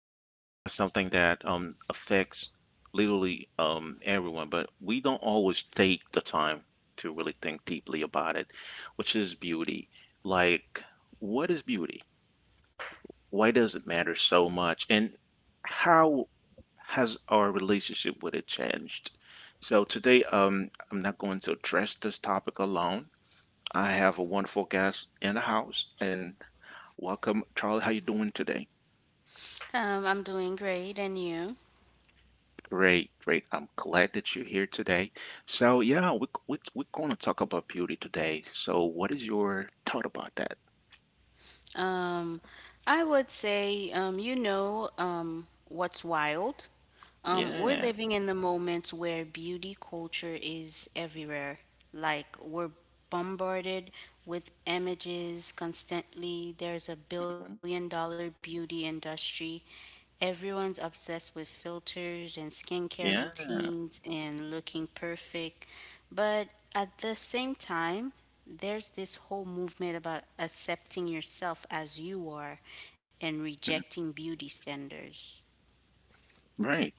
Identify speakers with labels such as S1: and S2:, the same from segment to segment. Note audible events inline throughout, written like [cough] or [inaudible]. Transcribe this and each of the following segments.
S1: talking about something that affects literally everyone, but we don't always take the time to really think deeply about it, which is beauty. Like, what is beauty? Why does it matter so much? And how has our relationship with it changed? So today, I'm not going to address this topic alone. I have a wonderful guest in the house, and welcome, Charlie. How you doing today?
S2: I'm doing great, and you?
S1: Great, great. I'm glad that you're here today. So yeah, we're going to talk about beauty today. So what is your thought about that?
S2: Um, I would say, what's wild? We're
S1: Yeah,
S2: living in the moments where beauty culture is everywhere. Like, we're bombarded with images constantly. There's a
S1: mhm,
S2: billion dollar beauty industry. Everyone's obsessed with filters and skincare
S1: yeah,
S2: routines and looking perfect. But at the same time, there's this whole movement about accepting yourself as you are and
S1: mhm,
S2: rejecting beauty standards.
S1: right.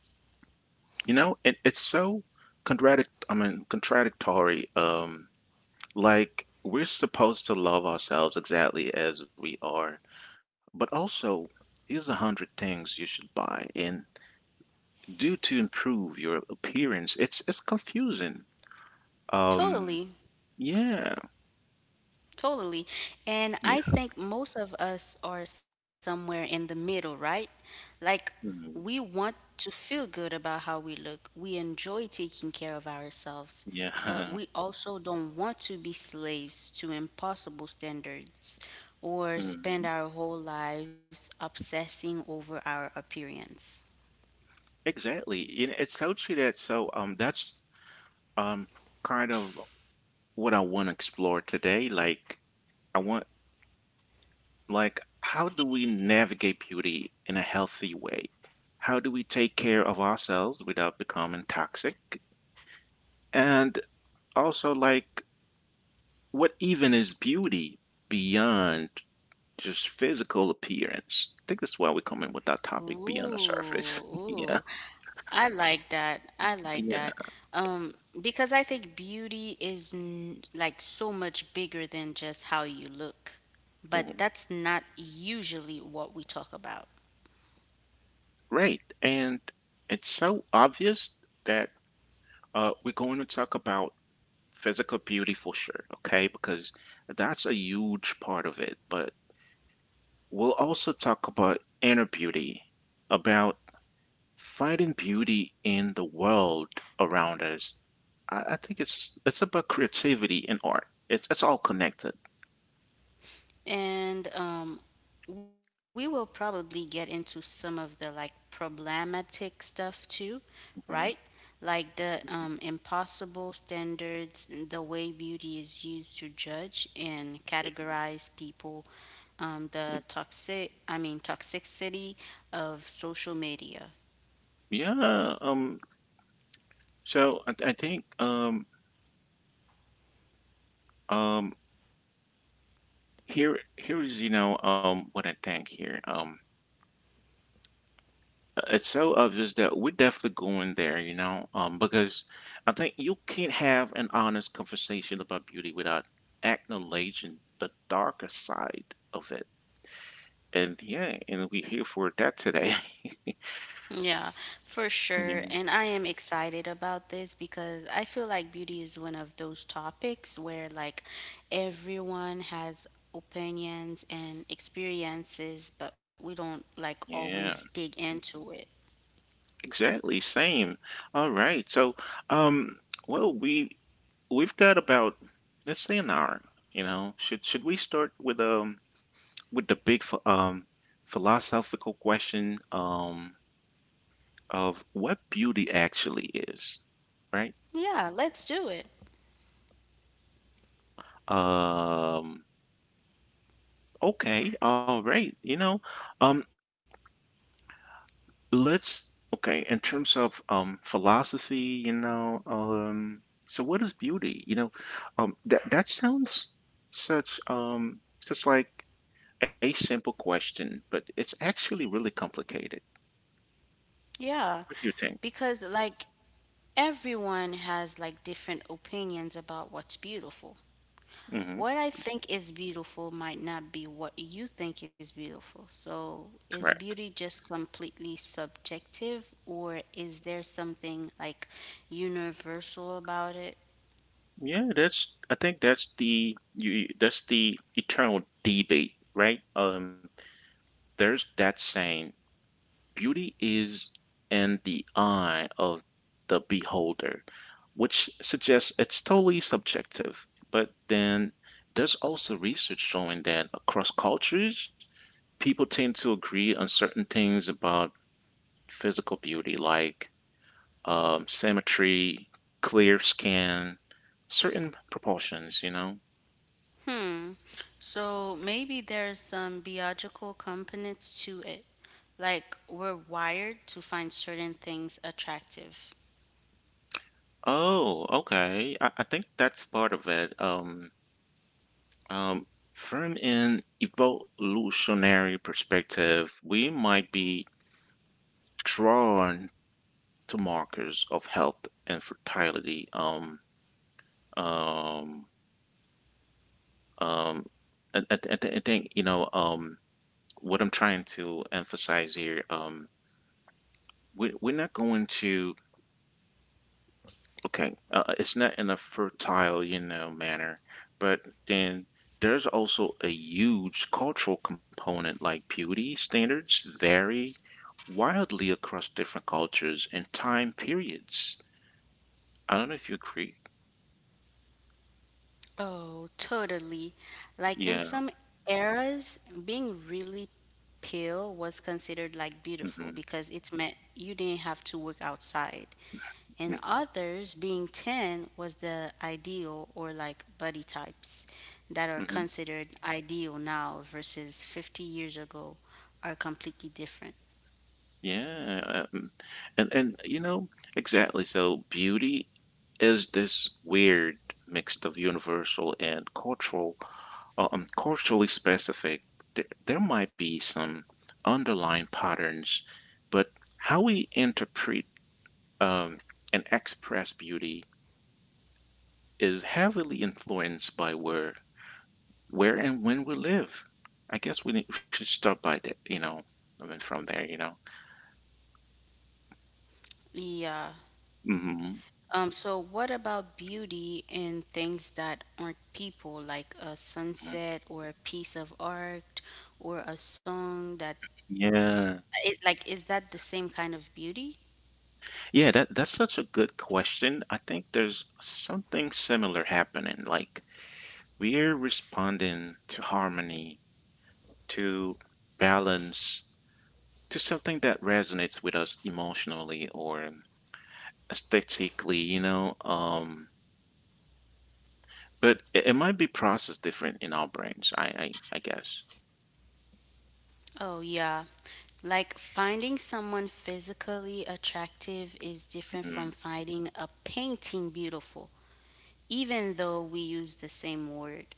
S1: You know, and it's so contradict. I mean, contradictory. Like we're supposed to love ourselves exactly as we are, but also here's 100 things you should buy and do to improve your appearance. It's confusing. Um
S2: Totally,
S1: Yeah,
S2: totally. And
S1: yeah,
S2: I think most of us are somewhere in the middle, right? Like, we
S1: mhm,
S2: want to feel good about how we look, we enjoy taking care of ourselves, but
S1: yeah,
S2: we also don't want to be slaves to impossible standards or
S1: [laughs] mhm,
S2: spend our whole lives obsessing over our appearance.
S1: exactly. And it's so true that, so, that's, um kind of what I want to explore today. Like, I want like, how do we navigate beauty in a healthy way? How do we take care of ourselves without becoming toxic? And also, like, what even is beauty beyond just physical appearance? I think that's why we're coming with
S2: Ooh,
S1: that topic beyond the surface. [laughs]
S2: ooh.
S1: Yeah,
S2: I like that. I like that.
S1: yeah.
S2: Um, because I think beauty is n like so much bigger than just how you look. But
S1: Mhm.
S2: that's not usually what we talk about.
S1: Great. And it's so obvious that, we're going to talk about physical beauty for sure, okay? Because that's a huge part of it. But we'll also talk about inner beauty, about finding beauty in the world around us. I think it's about creativity and art. It's all connected.
S2: And we will probably get into some of the like problematic stuff too, right?
S1: Mhm.
S2: Like the impossible standards, the way beauty is used to judge and
S1: Yeah.
S2: categorize people,
S1: Mm.
S2: the toxicity of social media.
S1: Yeah. So, I think, um here is, what I think here. It's so obvious that we're definitely going there, because I think you can't have an honest conversation about beauty without acknowledging the darker side of it. And yeah, and we're here for that today.
S2: Yeah, for
S1: [laughs]
S2: sure.
S1: Yeah,
S2: And I am excited about this because I feel like beauty is one of those topics where like everyone has opinions and experiences, but we don't like always
S1: yeah,
S2: dig into it.
S1: exactly. Same. All right. So, um well, we've got about, let's say, an hour. You know, should we start with, with the big philosophical question, of what beauty actually is, right?
S2: Yeah, let's do it.
S1: Um, okay, all right, you know, um, let's, okay, in terms of, philosophy, you know, so what is beauty? You know, that sounds such, like, a simple question, but it's actually really complicated.
S2: Yeah.
S1: What do you think?
S2: Because like everyone has like different opinions about what's beautiful.
S1: Hmm.
S2: What I think is beautiful might not be what you think is beautiful. So, is
S1: Correct.
S2: beauty just completely subjective, or is there something like universal about it?
S1: Yeah, that's I think that's the you that's the eternal debate, right? There's that saying, beauty is in the eye of the beholder, which suggests it's totally subjective. But then there's also research showing that across cultures, people tend to agree on certain things about physical beauty, like, symmetry, clear skin, certain proportions, you know.
S2: Hmm. So, maybe there's some biological components to it. Like, we're wired to find certain things attractive.
S1: Oh, okay. I think that's part of it. Um, from an evolutionary perspective, we might be drawn to markers of health and fertility. Um, um, and I think, you know, what I'm trying to emphasize here, we're not going to, okay it's not in a fertile, you know, manner. But then there's also a huge cultural component, like beauty standards vary wildly across different cultures and time periods. I don't know if you agree.
S2: Oh, totally. Like in
S1: Yeah.
S2: some eras, being really pale was considered like beautiful
S1: Hmm.
S2: because it meant you didn't have to work outside. In others, being tan was the ideal, or like body types that are
S1: Hmm.
S2: considered ideal now versus 50 years ago are completely different.
S1: Yeah. And you know, exactly, so beauty is this weird mix of universal and culturally specific. There might be some underlying patterns, but how we interpret, um, and express beauty is heavily influenced by where and when we live. I guess we should start by that, you know. I mean, from there, you know.
S2: Yeah.
S1: Hmm.
S2: So what about beauty in things that aren't people, like a sunset or a piece of art or a song that
S1: Yeah,
S2: it like, is that the same kind of beauty?
S1: yeah. That's such a good question. I think there's something similar happening. Like, we're responding to harmony, to balance, to something that resonates with us emotionally or aesthetically, you know. But it might be processed different in our brains. I guess.
S2: Oh yeah. Like finding someone physically attractive is different from
S1: Mhm.
S2: finding a painting beautiful, even though we use the same word.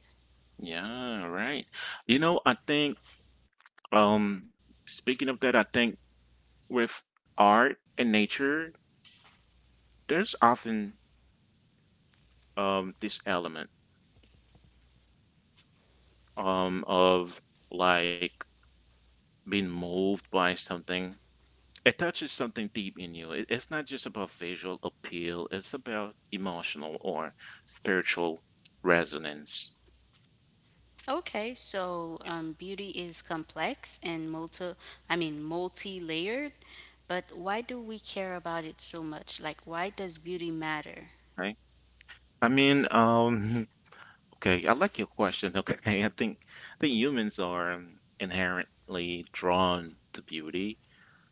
S1: Yeah, right. You know, I think. Um, Speaking of that, I think with art and nature, there's often this element, of, like, being moved by something. It touches something deep in you. It's not just about visual appeal, it's about emotional or spiritual resonance,
S2: Okay, so beauty is complex and multi-layered, but why do we care about it so much? Like, why does beauty matter?
S1: right? I mean, [laughs] okay, I like your question. [laughs] Okay, I think humans are, inherently drawn to beauty.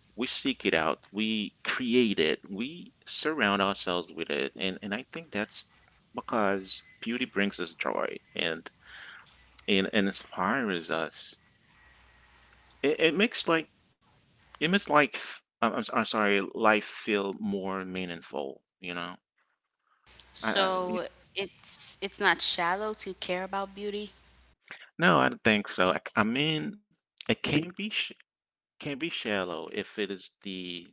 S1: We seek it out, we create it, we surround ourselves with it, and I think that's because beauty brings us joy and, and inspires us. It makes, I'm sorry, life feel more meaningful, you know? I mean,
S2: So it's not shallow to care about beauty.
S1: no, I don't think so. I mean, it can be sh can be shallow if it is the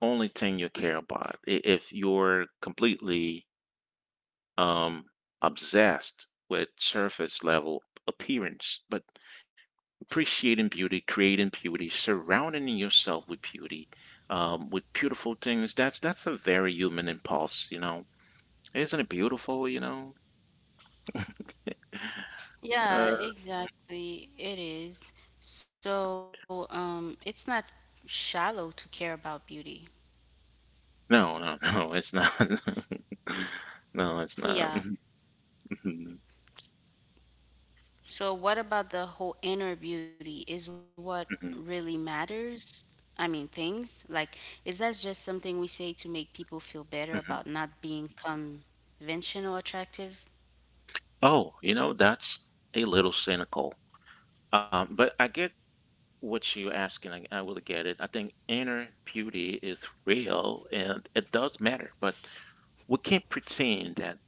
S1: only thing you care about. If you're completely um obsessed with surface level appearance, but appreciating beauty, creating beauty, surrounding yourself with beauty, with beautiful things, that's a very human impulse, you know? Isn't it beautiful, you know?
S2: Yeah,
S1: Uh,
S2: exactly. It is. So it's not shallow to care about beauty.
S1: no, no, [laughs] no, it's not. [laughs] No, it's not. [laughs]
S2: Yeah.
S1: Mhm,
S2: So, what about the whole inner beauty is what
S1: mhm,
S2: really matters? I mean, things like, is that just something we say to make people feel better about
S1: mhm.
S2: not being conventional attractive?
S1: Oh, you know, that's a little cynical. But I get what you're asking. I will get it. I think inner beauty is real and it does matter, but we can't pretend that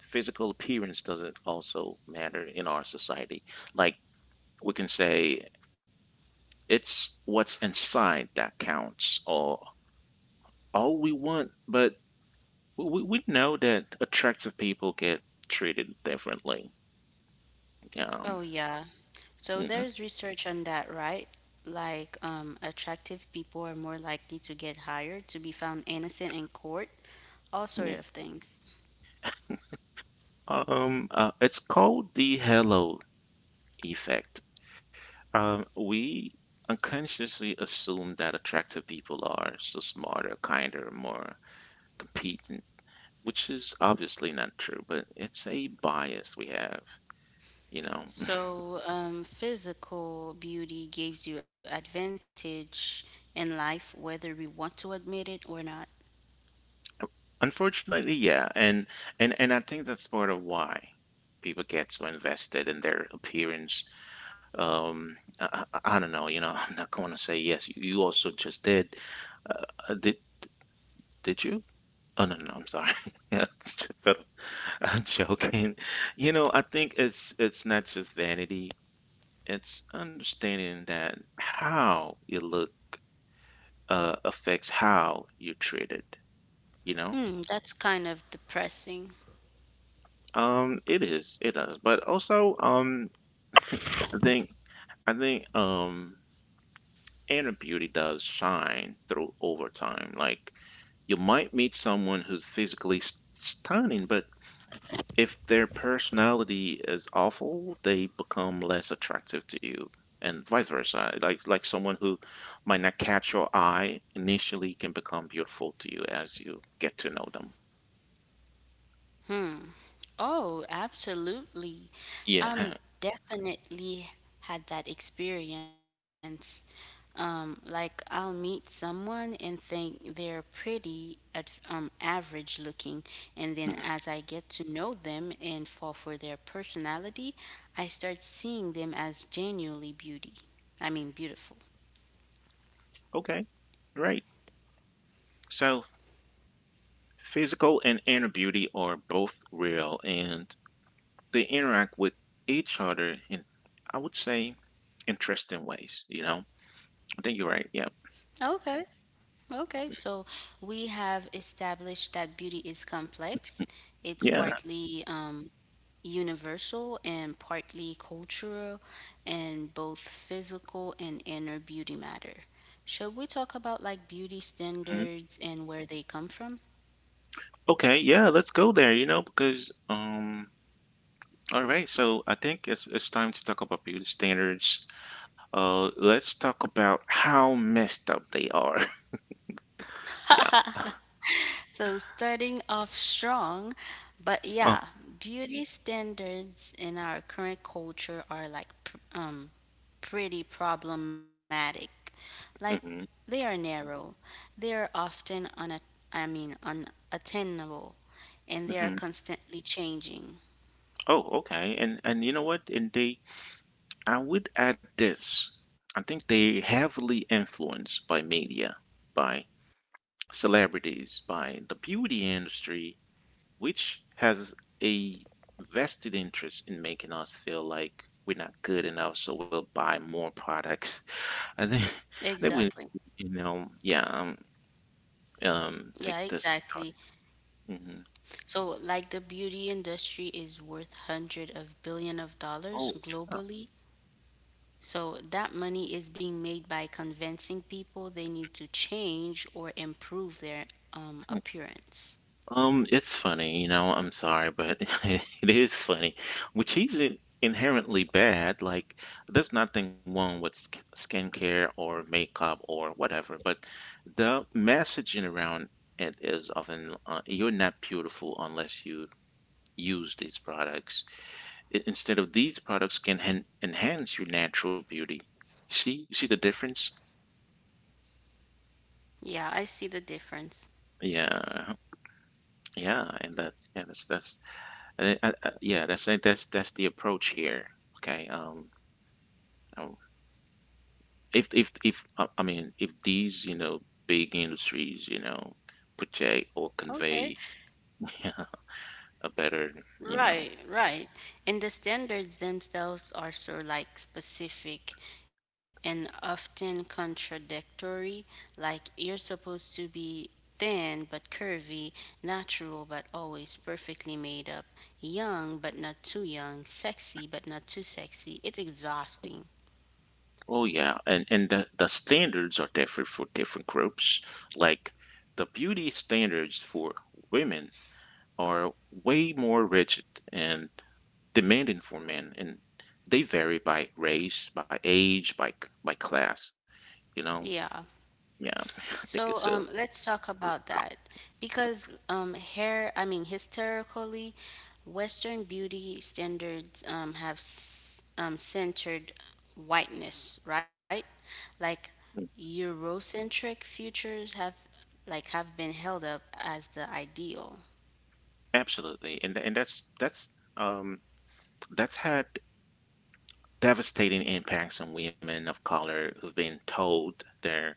S1: physical appearance doesn't also matter in our society. Like, we can say it's what's inside that counts, or all we want, but we know that attractive people get treated differently. Um,
S2: Oh, yeah. So,
S1: mhm.
S2: there's research on that, right? Like, attractive people are more likely to get hired, to be found innocent in court, all
S1: Yeah.
S2: sort of things.
S1: It's called the halo effect. We unconsciously assume that attractive people are so smarter, kinder, more competent, which is obviously not true, but it's a bias we have, you know. [laughs]
S2: So, physical beauty gives you advantage in life, whether we want to admit it or not.
S1: Unfortunately, yeah, and I think that's part of why people get so invested in their appearance. I don't know. You know, [laughs] I'm not going to say yes. You also just did. Uh, uh, did did you? Oh no, no, I'm sorry. [laughs] But [laughs] I'm joking. You know, I think it's not just vanity. It's understanding that how you look, affects how you're treated, you know.
S2: Hmm, that's kind of depressing.
S1: It is, it does. But also, I think, I think, um. inner beauty does shine through over time. Like, you might meet someone who's physically stunning, but if their personality is awful, they become less attractive to you, and vice versa. Like someone who might not catch your eye initially can become beautiful to you as you get to know them.
S2: Oh, absolutely.
S1: Yeah.
S2: I'm
S1: [laughs]
S2: definitely had that experience. Like, I'll meet someone and think they're pretty at average looking, and then
S1: Mhm.
S2: as I get to know them and fall for their personality, I start seeing them as genuinely beautiful.
S1: Okay, great. So, physical and inner beauty are both real, and they interact with each other in, I would say, interesting ways, you know. I think you're right. Yeah.
S2: Okay. Okay. So we have established that beauty is complex. It's
S1: Yeah.
S2: partly universal and partly cultural, and both physical and inner beauty matter. Should we talk about like beauty
S1: Mhm.
S2: standards and where they come from?
S1: Okay, yeah, let's go there, you know, because all right, so I think it's time to talk about beauty standards. Let's talk about how messed up they are. [laughs] Yeah.
S2: So, starting off strong, but
S1: Oh.
S2: yeah, beauty standards in our current culture are like pretty problematic. Like,
S1: Hmm.
S2: they are narrow, they are often unattainable, and they are
S1: Hmm.
S2: constantly changing.
S1: Oh, okay. And you know what? And they, I would add this. I think they heavily influenced by media, by celebrities, by the beauty industry, which has a vested interest in making us feel like we're not good enough, so we'll buy more products. [laughs] I think we,
S2: Exactly.
S1: you know, yeah,
S2: Yeah,
S1: take this.
S2: exactly.
S1: Hmm.
S2: So like, the beauty industry is worth hundred of billion of dollars
S1: Oh,
S2: globally. So that money is being made by convincing people they need to change or improve their
S1: yeah.
S2: appearance.
S1: It's funny, you know, I'm sorry, but [laughs] it is funny, which isn't inherently bad. Like, there's nothing wrong with sk skincare or makeup or whatever, but the messaging around it is often, you're not beautiful unless you use these products. I instead of these products can hen enhance your natural beauty. See, see the difference?
S2: Yeah, I see the difference.
S1: Yeah, yeah, and that, yeah, that's yeah, that's the approach here. Okay. Um, if I mean if these, you know, big industries, you know, project or
S2: Okay.
S1: convey [laughs] a better, you know.
S2: Right, right. And the standards themselves are so like specific and often contradictory. Like, you're supposed to be thin but curvy, natural but always perfectly made up, young but not too young, sexy but not too sexy. It's exhausting.
S1: Oh yeah, and the standards are different for different groups, like the beauty standards for women are way more rigid and demanding for men, and they vary by race, by age, by by class, you know.
S2: Yeah.
S1: Yeah. [laughs] I
S2: So
S1: think it's a...
S2: let's talk about that because historically, Western beauty standards have centered whiteness, right? Like,
S1: Mm.
S2: Eurocentric futures have been held up as the ideal.
S1: Absolutely, and that's had devastating impacts on women of color who've been told their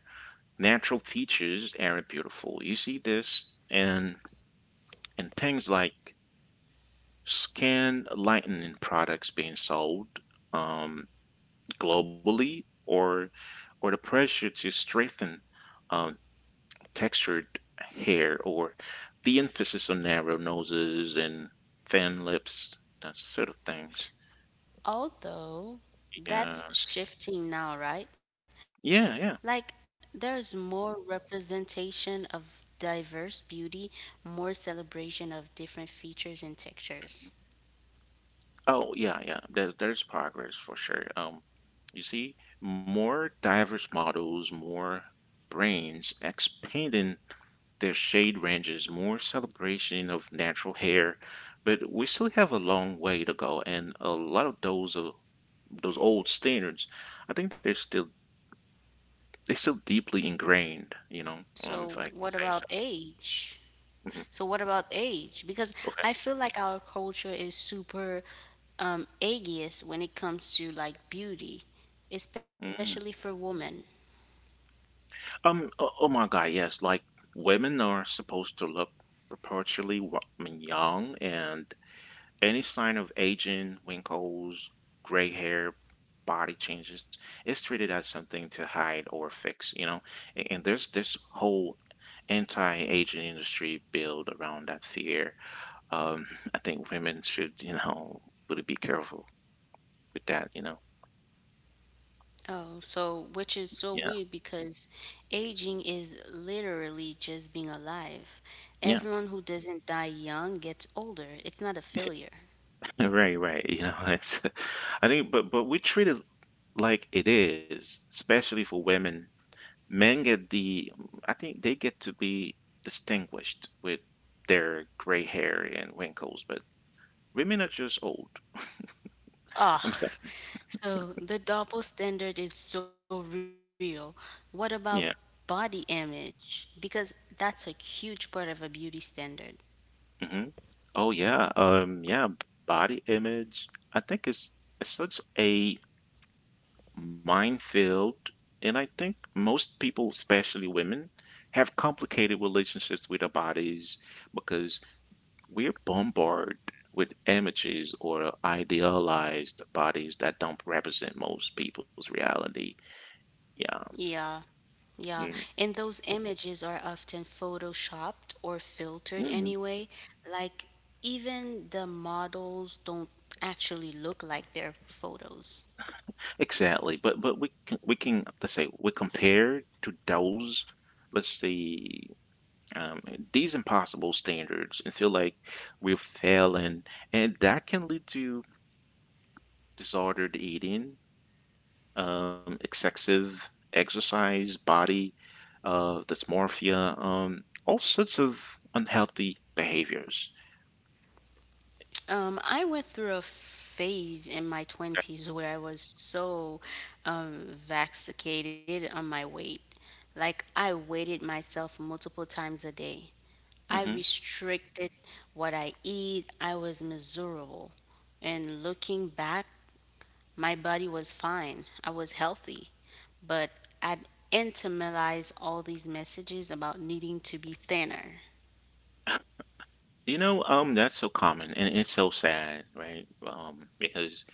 S1: natural features are beautiful. You see this in things like skin lightening products being sold, um, globally, or the pressure to strengthen, um, textured hair, or the emphasis on narrow noses and thin lips, that sort of things.
S2: Although
S1: Yeah,
S2: that's shifting now, right? Like,
S1: yeah, yeah.
S2: there's more representation of diverse beauty, more celebration of different features and textures.
S1: Oh, yeah, yeah. There's progress for sure. You see, more diverse models, more brains expanding their shade ranges, more celebration of natural hair, but we still have a long way to go, and a lot of those old standards, I think they're still deeply ingrained, you know, if
S2: So,
S1: I can
S2: what
S1: say
S2: about
S1: so.
S2: age?
S1: Hmm
S2: So, what about age? Because I feel like our culture is super ageist when it comes to like beauty,
S1: Okay.
S2: especially for women.
S1: Oh, oh my God. Yes. Like women are supposed to look perpetually young, and any sign of aging, wrinkles, gray hair, body changes, is treated as something to hide or fix. And there's this whole anti-aging industry built around that fear. Um. [laughs] I think women should, really be careful with that. You know.
S2: Oh, so which is so
S1: Yeah.
S2: weird, because aging is literally just being alive.
S1: Yeah.
S2: Everyone who doesn't die young gets older. It's not a
S1: [laughs]
S2: failure.
S1: Right, right. [laughs] I think, but we treat it like it is, especially for women. Men get I think they get to be distinguished with their gray hair and wrinkles, but women are just old. I'm
S2: Ugh.
S1: sorry.
S2: So the double standard is so real. What about
S1: Yeah.
S2: body image? Because that's a huge part of a beauty standard.
S1: hmm Oh yeah. Body image, I think is such a minefield, and I think most people, especially women, have complicated relationships with their bodies because we're bombarded with images or idealized bodies that don't represent most people's reality. Yeah.
S2: Yeah, yeah.
S1: Mhm.
S2: And those images are often photoshopped or filtered
S1: Mhm.
S2: anyway. Like, even the models don't actually look like their photos.
S1: Exactly. But we can let's say we compare to those let's see um, these impossible standards and feel like we're failing, and that can lead to disordered eating, excessive exercise, body dysmorphia, all sorts of unhealthy behaviors.
S2: I went through a phase in my 20s where I was so vaccinated on my weight. Like, I weighted myself multiple times a day. I
S1: Hmm
S2: restricted what I eat. I was miserable. And looking back, my body was fine. I was healthy. But I'd internalized all these messages about needing to be thinner.
S1: You know, that's so common and it's so sad, right? Because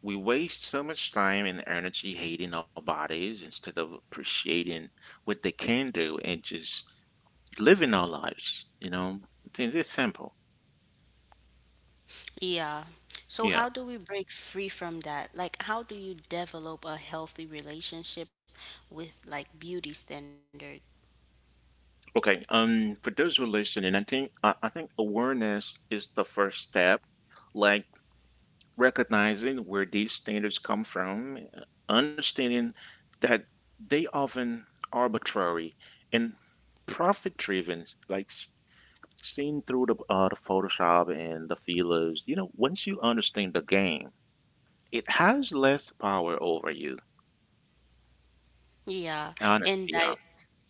S1: we waste so much time and energy hating our bodies instead of appreciating what they can do and just living our lives. It's simple.
S2: Yeah. So,
S1: Yeah.
S2: how do we break free from that? Like, how do you develop a healthy relationship with like beauty standards?
S1: Okay. For those who are listening, I think awareness is the first step, like recognizing where these standards come from, understanding that they often arbitrary and profit driven, like seen through the Photoshop and the feelers. You know, once you understand the game, it has less power over you.
S2: Yeah,
S1: Honestly,
S2: and
S1: yeah,
S2: di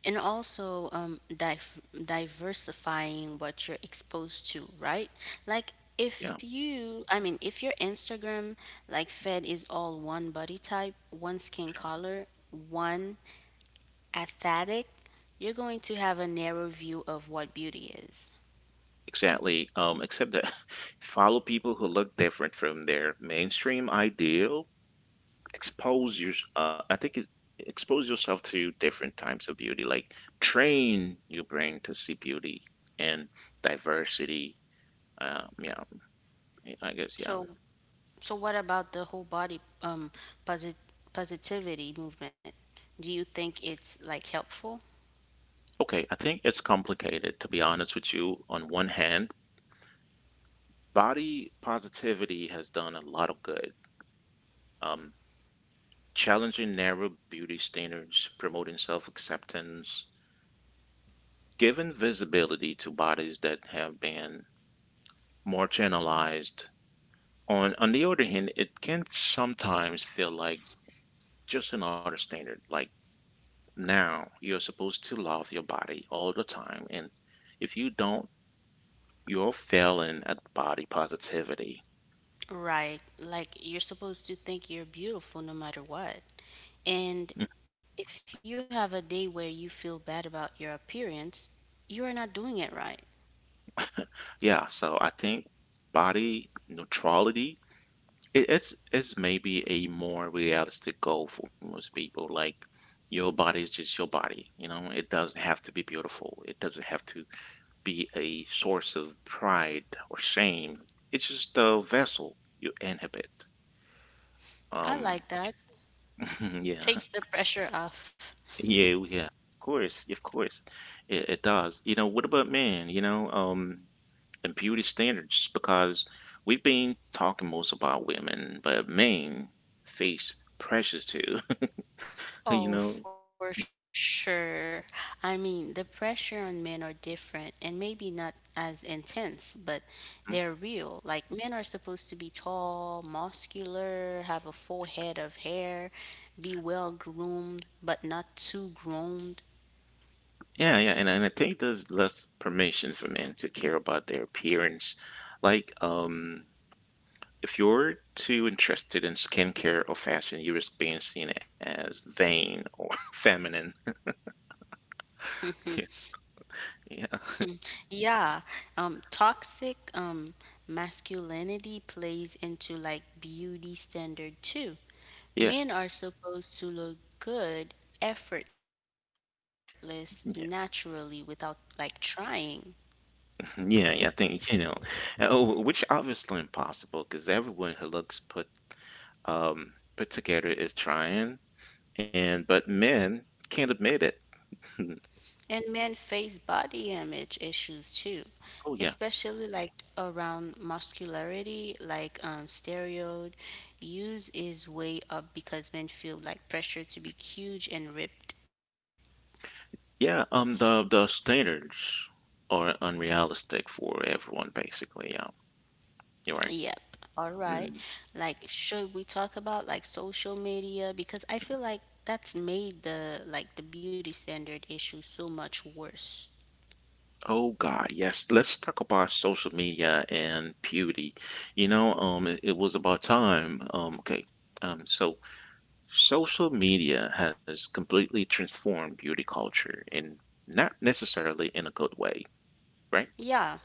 S2: and also diversifying what you're exposed to, right? Like,
S1: yeah,
S2: if you, I mean, if your Instagram like fed is all one body type, one skin color, one aesthetic, you're going to have a narrow view of what beauty is.
S1: exactly. Except that [laughs] follow people who look different from their mainstream ideal. Expose your I think it, Expose yourself to different types of beauty, like train your brain to see beauty and diversity. Yeah, I guess, yeah.
S2: So so what about the whole body posit positivity movement? Do you think it's like helpful?
S1: Okay, I think it's complicated, to be honest with you. On one hand, body positivity has done a lot of good, um, challenging narrow beauty standards, promoting self-acceptance, giving visibility to bodies that have been marginalized. On the other hand, it can sometimes feel like just another standard. Like now, you're supposed to love your body all the time, and if you don't, you're failing at body positivity.
S2: Right. Like, you're supposed to think you're beautiful no matter what.
S1: Mm.
S2: And if you have a day where you feel bad about your appearance, you are not doing it right.
S1: Yeah, so I think body neutrality it, it's maybe a more realistic goal for most people. Like your body is just your body, you know. It doesn't have to be beautiful. It doesn't have to be a source of pride or shame. It's just a vessel you inhabit.
S2: I like
S1: Um,
S2: that.
S1: [laughs] yeah,
S2: Takes the pressure off.
S1: yeah,
S2: [laughs]
S1: yeah. Of course, yeah, of course, it does. You know, what about men? And beauty standards, because we've been talking most about women, but men face pressures too. [laughs] You know.
S2: Oh, for sure. I mean, the pressure on men are different and maybe not as intense, but
S1: Mhm.
S2: they're real. Like, men are supposed to be tall, muscular, have a full head of hair, be well groomed, but not too groomed.
S1: Yeah, yeah, and I think there's less permission for men to care about their appearance. Like, if you're too interested in skincare or fashion, you risk being seen as vain or [laughs] feminine. [laughs] Yeah,
S2: Yeah, toxic masculinity plays into like beauty standard too.
S1: yeah,
S2: Men are supposed to look good, effortless, naturally
S1: yeah,
S2: without like trying.
S1: yeah. I think you know, which obviously impossible because everyone who looks put together is trying, and but men can't admit it. [laughs]
S2: And men face body image issues too,
S1: Oh yeah,
S2: especially like around muscularity, like steroid use is way up because men feel like pressure to be huge and ripped.
S1: yeah. The standards are unrealistic for everyone, basically. Yeah, you're right.
S2: Yep. All right.
S1: Mm.
S2: Like, should we talk about like social media, because I feel like that's made the beauty standard issue so much worse.
S1: Oh God, yes. Let's talk about social media and beauty. You know, it was about time. Okay. So social media has completely transformed beauty culture and not necessarily in a good way, right?
S2: Yeah,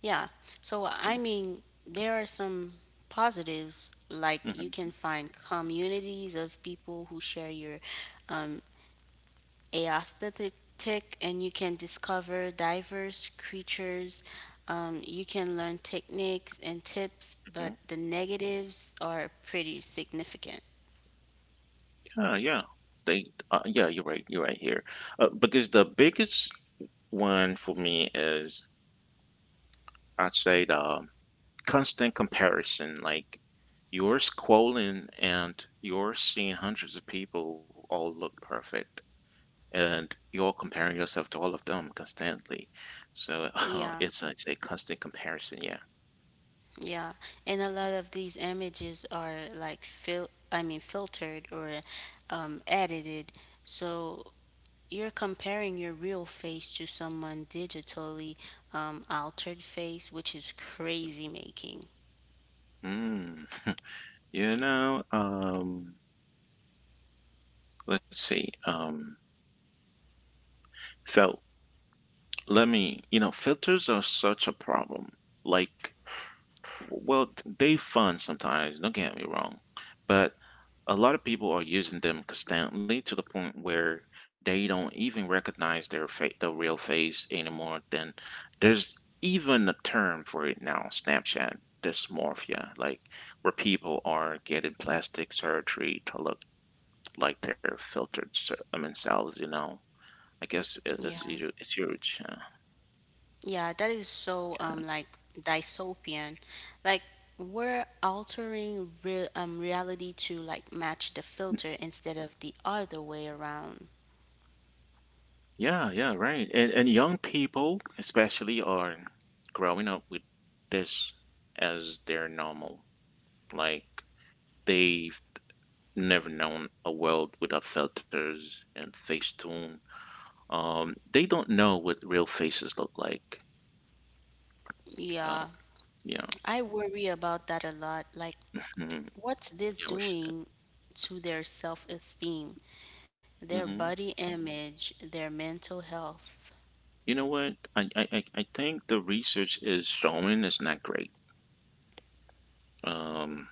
S2: yeah. So, I mean, there are some positives, like you can
S1: Mm-hmm.
S2: find communities of people who share your um, aesthetic, and you can discover diverse creatures. You can learn techniques and tips, but
S1: hmm
S2: the negatives are pretty significant.
S1: Yeah, yeah. They, yeah, you're right. You're right here. Because the biggest one for me is I'd say the constant comparison. Like you're scrolling and you're seeing hundreds of people who all look perfect, and you're comparing yourself to all of them constantly. So [laughs]
S2: Yeah,
S1: it's a constant comparison. Yeah.
S2: yeah. And a lot of these images are like filtered or edited. So you're comparing your real face to someone digitally altered face, which is crazy making.
S1: Mm. [laughs] You know, let's see. So let me, you know, filters are such a problem. Like, well, they fun sometimes, don't get me wrong, but a lot of people are using them constantly, to the point where they don't even recognize the real face anymore. Then there's even a term for it now, Snapchat dysmorphia, like where people are getting plastic surgery to look like their filtered selves, you know. I guess
S2: Yeah.
S1: it's huge. It's huge, yeah.
S2: Yeah, that is so like dystopian. Like, we're altering reality to like match the filter instead of the other way around.
S1: Yeah, yeah, right. And young people especially are growing up with this as their normal. Like they've never known a world without filters and Facetune. They don't know what real faces look like. Well,
S2: Yeah,
S1: yeah.
S2: I worry about that a lot. Like,
S1: Mhm,
S2: what's this
S1: yeah, we should.
S2: doing to their self-esteem, their
S1: Hmm
S2: body image, their mental health?
S1: You know what? I think the research is showing it's not great. Um,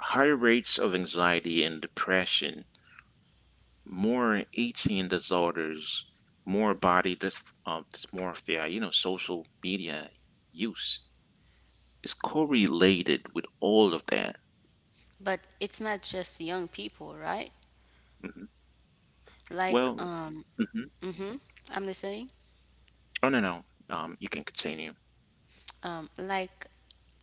S1: Higher rates of anxiety and depression, more eating disorders, more body dysmorphia, you know, social media use is correlated with all of that.
S2: But it's not just young people, right?
S1: Hmm
S2: Like,
S1: Well. Hmm
S2: mm-hmm, I'm listening.
S1: oh no, no, you can continue.
S2: Like,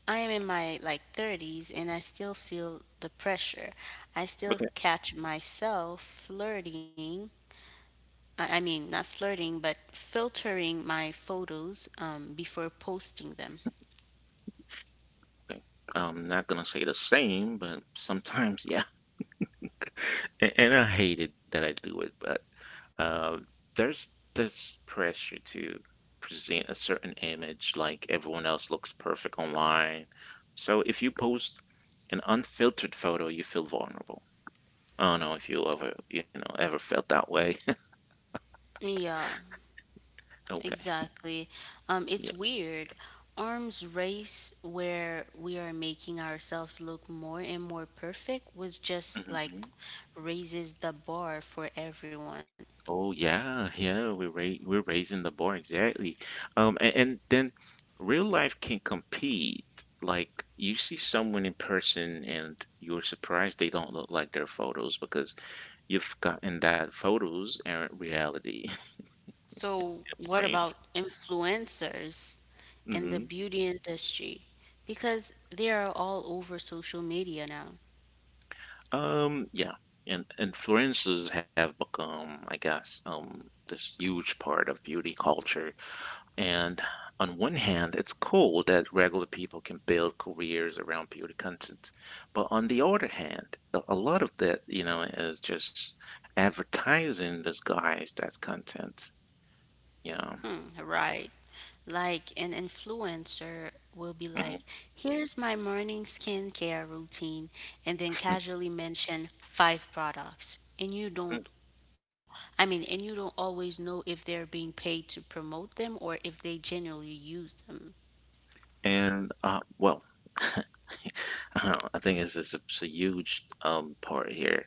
S2: I am in my like 30s and I still feel the pressure. I still
S1: Okay,
S2: catch myself flirting. I mean, not flirting, but filtering my photos before posting them.
S1: okay. I'm not gonna say the same, but sometimes, yeah. [laughs] And I hate it that I do it, but uh, there's this pressure to present a certain image, like everyone else looks perfect online. So if you post an unfiltered photo, you feel vulnerable. I don't know if you ever, ever felt that way. [laughs]
S2: Yeah.
S1: Okay.
S2: Exactly.
S1: Yeah.
S2: It's weird. Arms race where we are making ourselves look more and more perfect was just like
S1: hmm
S2: raises the bar for everyone.
S1: Oh yeah, yeah. We're raising the bar, exactly. And then real life can compete. Like you see someone in person and you're surprised they don't look like their photos, because you've gotten that photos aren't reality. [laughs]
S2: So what
S1: Strange.
S2: about influencers and
S1: Hmm
S2: the beauty industry? Because they are all over social media now.
S1: Yeah. And influencers have become, I guess, this huge part of beauty culture. And on one hand, it's cool that regular people can build careers around beauty content. But on the other hand, a lot of that, you know, is just advertising disguised as content. Yeah.
S2: Hmm, right. Like, an influencer will be
S1: Mhm.
S2: like, here's my morning skincare routine, and then
S1: [laughs]
S2: casually mention five products. And you don't always know if they're being paid to promote them or if they genuinely use them.
S1: And well, [laughs] uh, I think it's just it's a huge part here,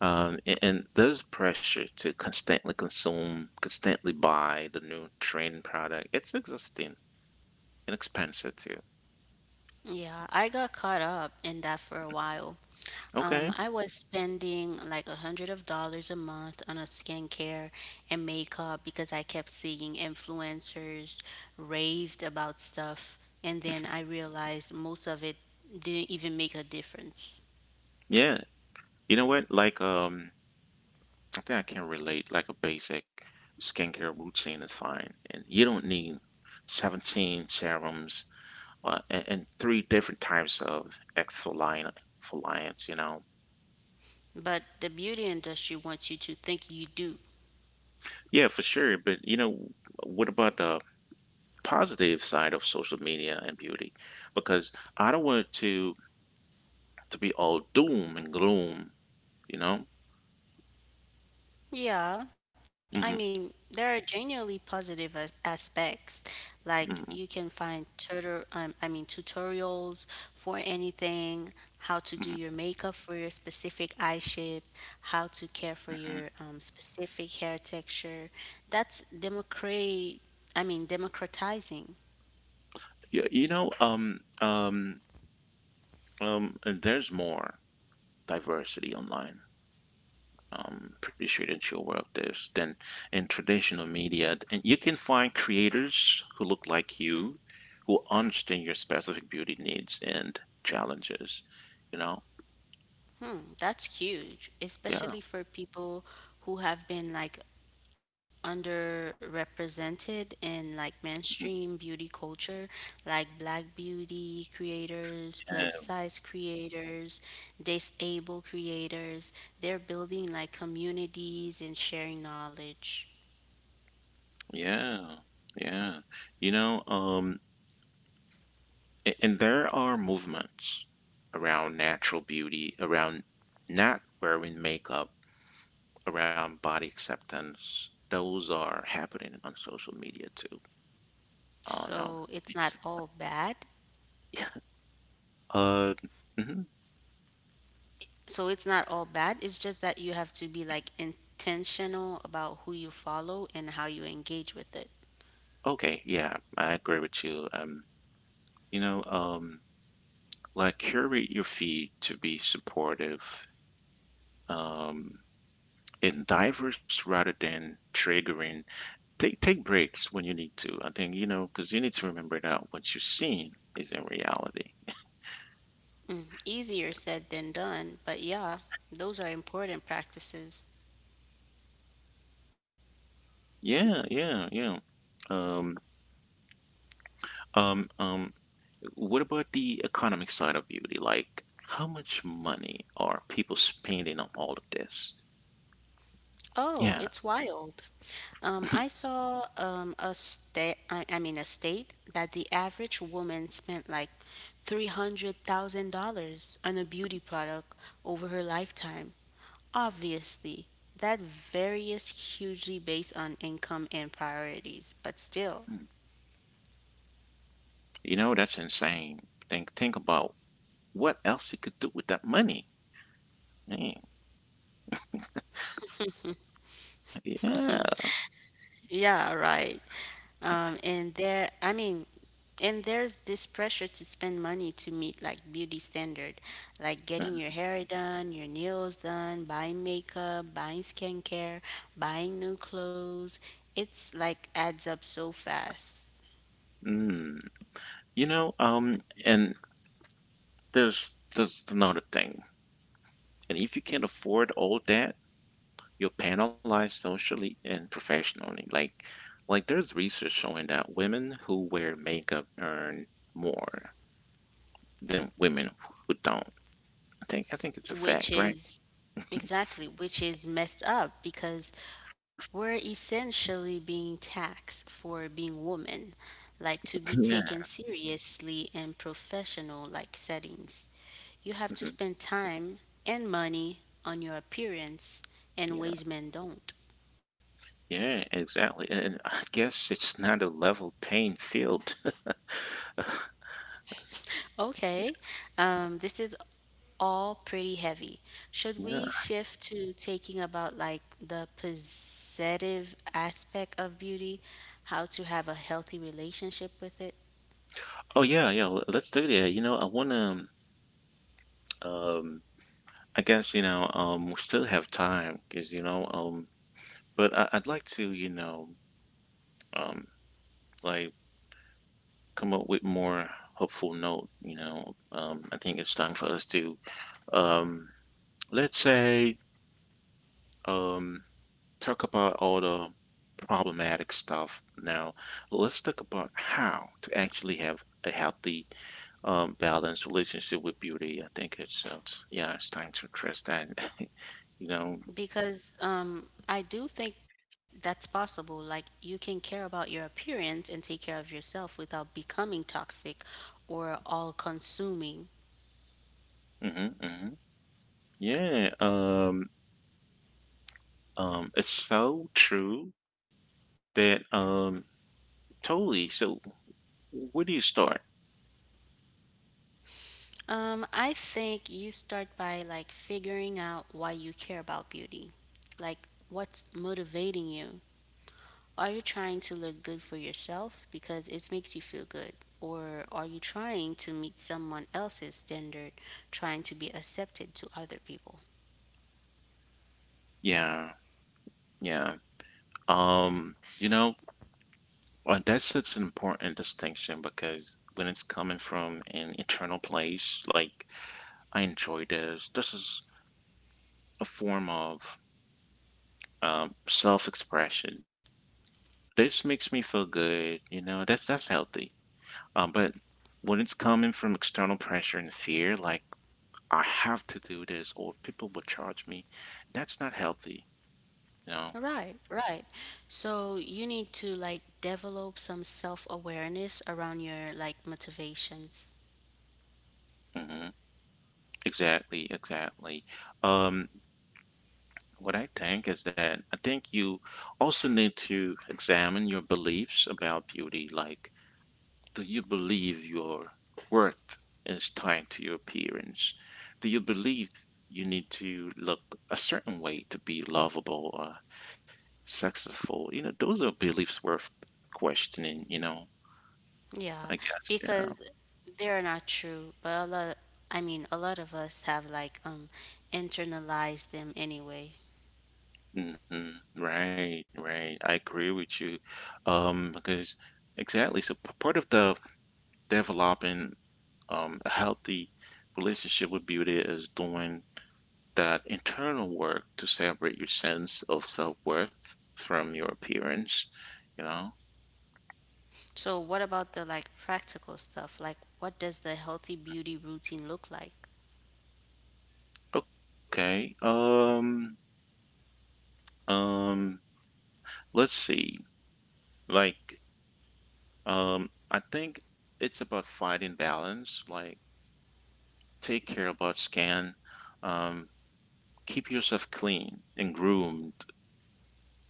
S1: and there's pressure to constantly consume, constantly buy the new trend product. It's existing and expensive too.
S2: Yeah, I got caught up in that for a while.
S1: Okay,
S2: I was spending like a hundred of dollars a month on a skincare and makeup because I kept seeing influencers raved about stuff, and then I realized most of it didn't even make a difference.
S1: yeah, you know what? Like, I think I can relate. Like a basic skincare routine is fine, and you don't need 17 serums, and three different types of exfoliant, exfoliants. You know,
S2: But the beauty industry wants you to think you do.
S1: yeah, for sure. But you know, what about the positive side of social media and beauty, because I don't want it to be all doom and gloom, you know.
S2: Yeah, I
S1: Hmm
S2: mean, there are genuinely positive aspects. Like,
S1: hmm
S2: you can find tutorials for anything, how to do
S1: hmm
S2: your makeup for your specific eye shape, how to care for
S1: hmm
S2: your specific hair texture. That's democratizing.
S1: Yeah, you know, and there's more diversity online. Pretty sure that you're aware of this than in traditional media, and you can find creators who look like you, who understand your specific beauty needs and challenges. You know,
S2: That's huge,
S1: yeah.
S2: especially for people who have been underrepresented in
S1: Mm-hmm.
S2: mainstream beauty culture, like black beauty creators, plus size creators, disabled creators. They're building like communities and sharing knowledge.
S1: Yeah, yeah. You know, and there are movements around natural beauty, around not wearing makeup, around body acceptance. Those are happening on social media too. Oh no.
S2: So it's
S1: It's,
S2: not all bad.
S1: yeah. Uh, mhm.
S2: So it's not all bad. It's just that you have to be like intentional about who you follow and how you engage with it.
S1: Okay, yeah, I agree with you. You know, like curate your feed to be supportive, um, and diverse rather than triggering. Take breaks when you need to. I think, you know, because you need to remember that what you're seeing is in reality.
S2: Easier said than done, but yeah, those are important practices.
S1: Yeah, yeah, yeah. Um, um, um, what about the economic side of beauty? Like, how much money are people spending on all of this? Yeah.
S2: Oh, it's wild. I saw a state, I mean a state that the average woman spent like $300,000 on a beauty product over her lifetime. Obviously, that varies hugely based on income and priorities, but still,
S1: Mm. You know, that's insane. Think about what else you could do with that money. Man, yeah.
S2: yeah, right. Um, and there, I mean, and there's this pressure to spend money to meet like beauty standard, like getting your hair done, your nails done, buying makeup, buying skincare, buying new clothes. It's like adds up so fast.
S1: Mm. You know, and there's another thing. And if you can't afford all that, you're penalized socially and professionally. Like there's research showing that women who wear makeup earn more than women who don't. I think it's a
S2: which
S1: fact, right?
S2: is exactly which is messed up because we're essentially being taxed for being women, like to
S1: [laughs]
S2: be
S1: Yeah.
S2: taken seriously in professional like settings. You have to
S1: Mhm.
S2: spend time and money on your appearance in
S1: Yeah.
S2: ways men don't.
S1: Yeah, exactly. And I guess it's not a level playing field. [laughs]
S2: Okay, this is all pretty heavy. Should
S1: Yeah.
S2: we shift to taking about like the possessive aspect of beauty, how to have a healthy relationship with it?
S1: Oh yeah, yeah. Let's do that. You know, I wanna, um, I guess, we still have time because, I'd like to, um, like come up with more hopeful note, you know. I think it's time for us to, um, let's say um, talk about all the problematic stuff. Now let's talk about how to actually have a healthy, balanced relationship with beauty. I think it's, it's yeah, it's time to address that. [laughs] You know.
S2: Because I do think that's possible. Like you can care about your appearance and take care of yourself without becoming toxic or all consuming.
S1: Hmm hmm yeah. It's so true that, totally. So where do you start?
S2: I think you start by like figuring out why you care about beauty. Like what's motivating you? Are you trying to look good for yourself because it makes you feel good? Or are you trying to meet someone else's standard, trying to be accepted to other people?
S1: Yeah. Yeah. You know, that's such an important distinction, because when it's coming from an internal place, like I enjoy this, this is a form of self-expression. This makes me feel good, you know, that's healthy. But when it's coming from external pressure and fear, like I have to do this or people will charge me, that's not healthy, you know.
S2: Right. So you need to like develop some self awareness around your like motivations.
S1: hmm Exactly, exactly. Um, What I think is that I think you also need to examine your beliefs about beauty. Like, do you believe your worth is tied to your appearance? Do you believe you need to look a certain way to be lovable or successful? You know, those are beliefs worth questioning, you know,
S2: Yeah,
S1: I guess.
S2: because they're not true, but a lot of us have like internalized them anyway.
S1: Yeah. Right, right. I agree with you. Because exactly. So part of the developing a healthy relationship would be with beauty is doing that internal work to separate your sense of self-worth from your appearance you know.
S2: So what about the like practical stuff? Like what does the healthy beauty routine look like?
S1: Okay. Um let's see, like, I think it's about finding balance, like take care about skin, um keep yourself clean and groomed,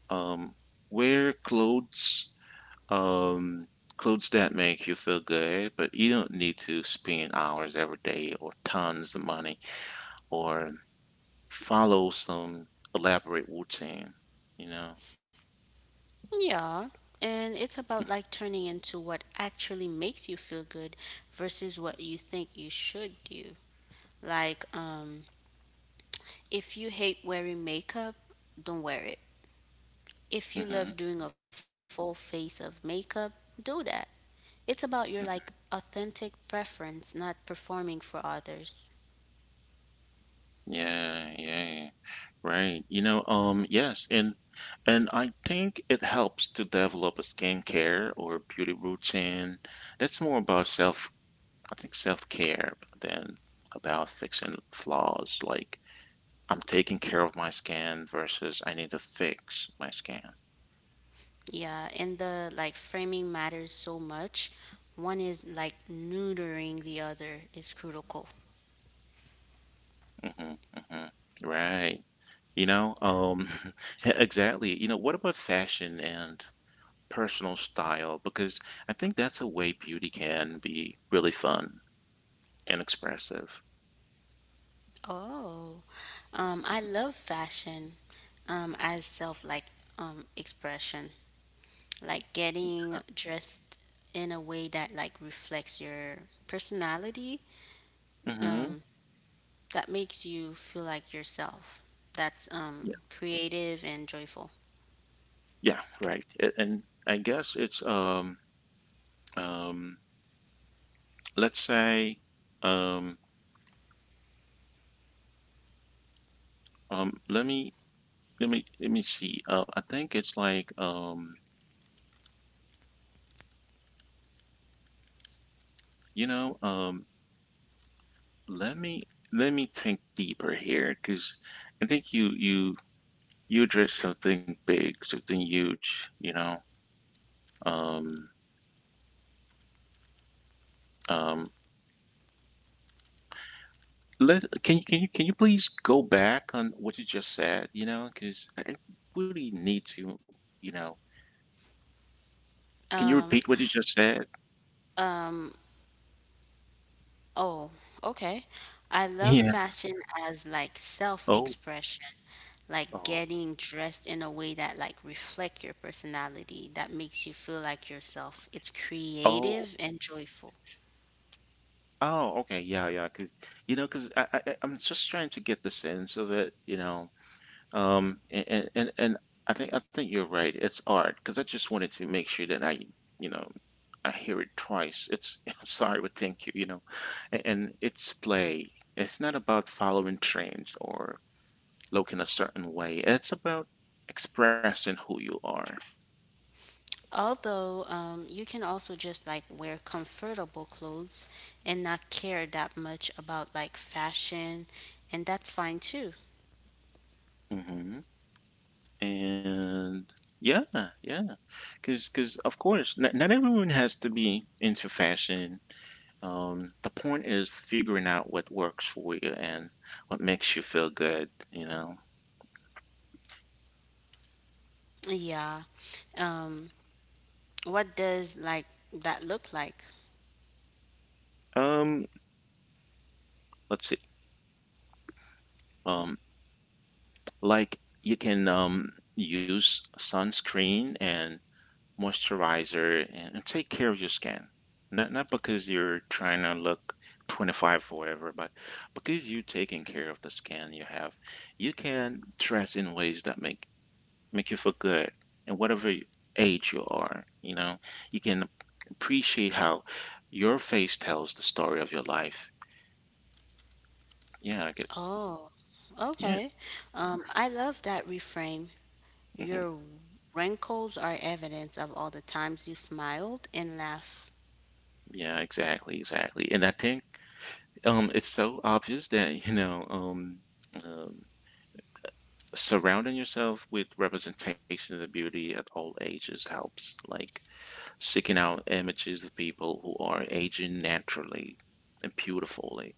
S1: um wear clothes, Um, clothes that make you feel good, but you don't need to spend hours every day or tons of money or follow some elaborate routine, you know?
S2: Yeah. And it's about like turning into what actually makes you feel good versus what you think you should do. Like, if you hate wearing makeup, don't wear it. If you love
S1: Hmm.
S2: doing a full face of makeup, do that. It's about your like authentic preference, not performing for others.
S1: Yeah, yeah, right. You know, yes, and I think it helps to develop a skincare or beauty routine. That's more about self, I think self-care, than about fixing flaws, like I'm taking care of my skin versus I need to fix my skin.
S2: Yeah, and the like framing matters so much. One is like neutering the other is critical.
S1: hmm hmm Right. You know, [laughs] yeah, exactly. You know, what about fashion and personal style? Because I think that's a way beauty can be really fun and expressive.
S2: Oh, I love fashion as self, expression, like getting dressed in a way that like reflects your personality
S1: Mm-hmm.
S2: that makes you feel like yourself. That's
S1: Yeah.
S2: creative and joyful.
S1: Yeah, right. And I guess it's um let's say, um let me let me see. I think it's like, you know um let me think deeper here, because I think you address something big, something huge. You know, um, um, let can you please go back on what you just said? You know, because I really need to. You know, can you repeat what you just said?
S2: Oh, okay. I love
S1: Yeah.
S2: fashion as like
S1: Oh.
S2: self-expression, like
S1: Oh.
S2: getting dressed in a way that like reflect your personality, that makes you feel like yourself. It's
S1: Oh.
S2: creative and joyful.
S1: Oh. Okay. Yeah. Yeah. Because you know, because I'm just trying to get the sense of it. You know. And I think you're right. It's art, because I just wanted to make sure that I, you know, I hear it twice. It's [laughs] I'm sorry, but thank you, you know, and it's play. It's not about following trends or looking a certain way. It's about expressing who you are.
S2: Although you can also just like wear comfortable clothes and not care that much about like fashion, and that's fine too.
S1: Hmm. And yeah, yeah, because of course, not everyone has to be into fashion. The point is figuring out what works for you and what makes you feel good, you know.
S2: Yeah. Um, what does like that look like?
S1: Um, let's see. Um, like you can use sunscreen and moisturizer and take care of your skin. Not because you're trying to look 25 forever, but because you're taking care of the skin you have, you can dress in ways that make you feel good. And whatever age you are, you know, you can appreciate how your face tells the story of your life. Yeah, I guess.
S2: Oh,
S1: Yeah.
S2: okay. I love that reframe.
S1: Mhm.
S2: Your wrinkles are evidence of all the times you smiled and laughed.
S1: Yeah, exactly, exactly. And I think it's so obvious that, you know, um surrounding yourself with representations of beauty at all ages helps, like seeking out images of people who are aging naturally and beautifully.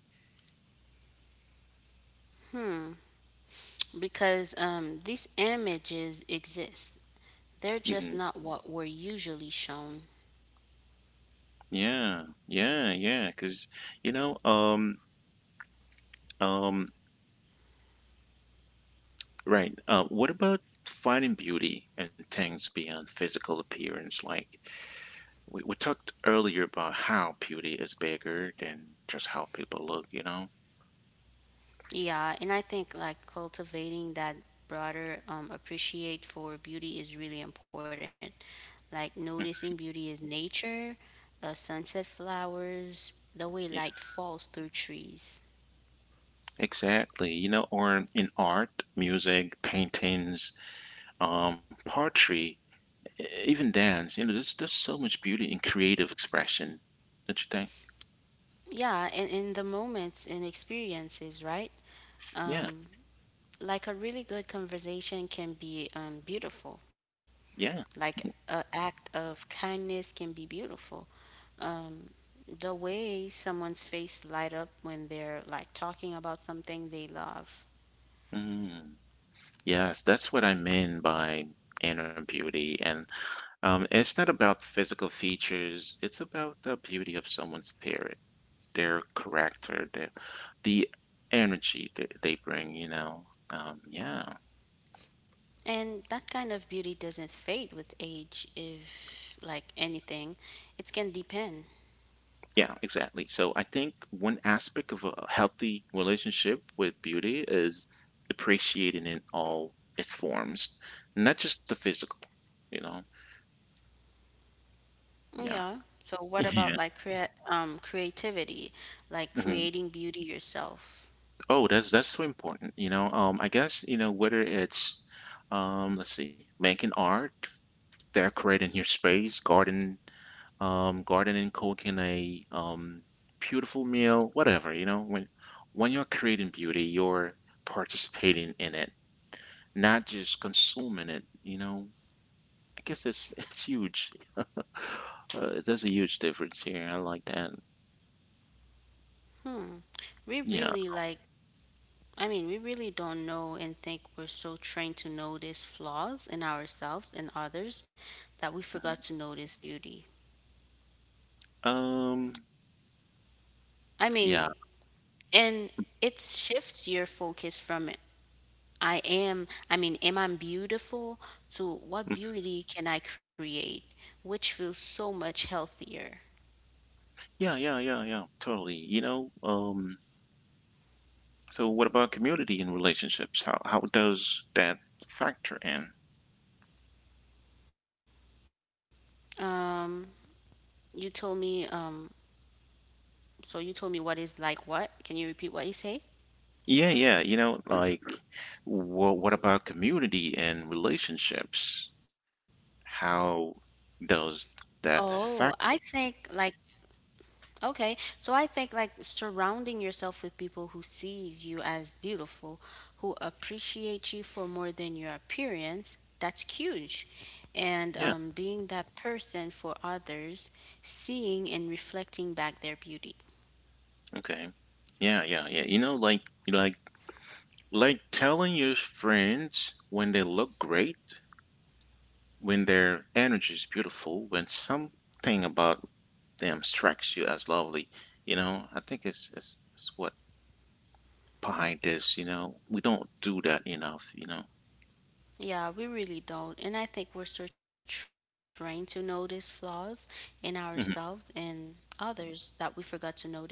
S2: Because these images exist, they're
S1: Hmm.
S2: just not what we're usually shown.
S1: Yeah, yeah, yeah. Because you know, um, right. What about finding beauty and things beyond physical appearance? Like we talked earlier about how beauty is bigger than just how people look. You know.
S2: Yeah, and I think like cultivating that broader appreciate for beauty is really important. Like
S1: Mhm.
S2: noticing beauty is nature, sunset flowers, the way light falls through trees.
S1: Exactly. You know, or in art, music, paintings, poetry, even dance. You know, there's so much beauty in creative expression, don't you think?
S2: Yeah, and in the moments and experiences, right?
S1: Yeah,
S2: Like a really good conversation can be beautiful.
S1: yeah.
S2: Like an act of kindness can be beautiful. Um, the way someone's face light up when they're like talking about something they love.
S1: Mm. Yes, that's what I mean by inner beauty. And it's not about physical features, it's about the beauty of someone's spirit, their character, their the energy they bring, you know. Yeah.
S2: And that kind of beauty doesn't fade with age if like anything. It can depend.
S1: Yeah, exactly. So I think one aspect of a healthy relationship with beauty is appreciating it all its forms, not just the physical, you know. Yeah.
S2: Yeah. So
S1: [laughs]
S2: what
S1: Yeah.
S2: about like creativity, like
S1: Mhm.
S2: creating beauty yourself?
S1: Oh, that's so important, you know. I guess, you know, whether it's let's see, making art, decorating your space, garden, gardening, cooking a beautiful meal, whatever, you know, when you're creating beauty, you're participating in it, not just consuming it, you know. I guess it's [laughs] it's huge. There's a huge difference here. I like that.
S2: Hmm. We
S1: Yeah.
S2: really like, I mean, We really don't know and think we're so trained to notice flaws in ourselves and others that we
S1: Mhm.
S2: forgot to notice beauty.
S1: Um.
S2: I mean,
S1: Yeah.
S2: and it shifts your focus from I am, I mean, am I beautiful to
S1: Mm.
S2: what beauty can I create, which feels so much healthier.
S1: Yeah. Yeah. Yeah. Yeah. Totally. You know. So, what about community and relationships? How does that factor in?
S2: Um, you told me, um, so you told me what is like what? Can you repeat what you say?
S1: Yeah. Yeah. You know, like, what about community and relationships? How does that
S2: Oh, I
S1: factor?
S2: think like okay, so I think like surrounding yourself with people who sees you as beautiful, who appreciate you for more than your appearance, that's huge. And
S1: Yeah.
S2: being that person for others, seeing and reflecting back their beauty.
S1: Okay. Yeah, yeah, yeah. You know, like like Like telling your friends when they look great, when their energy is beautiful, when something about them strikes you as lovely, you know, I think it's what behind this, you know. We don't do that enough, you know.
S2: Yeah, we really don't. And I think we're still trained to notice flaws in ourselves
S1: Mhm.
S2: and others that we forgot to notice beauty.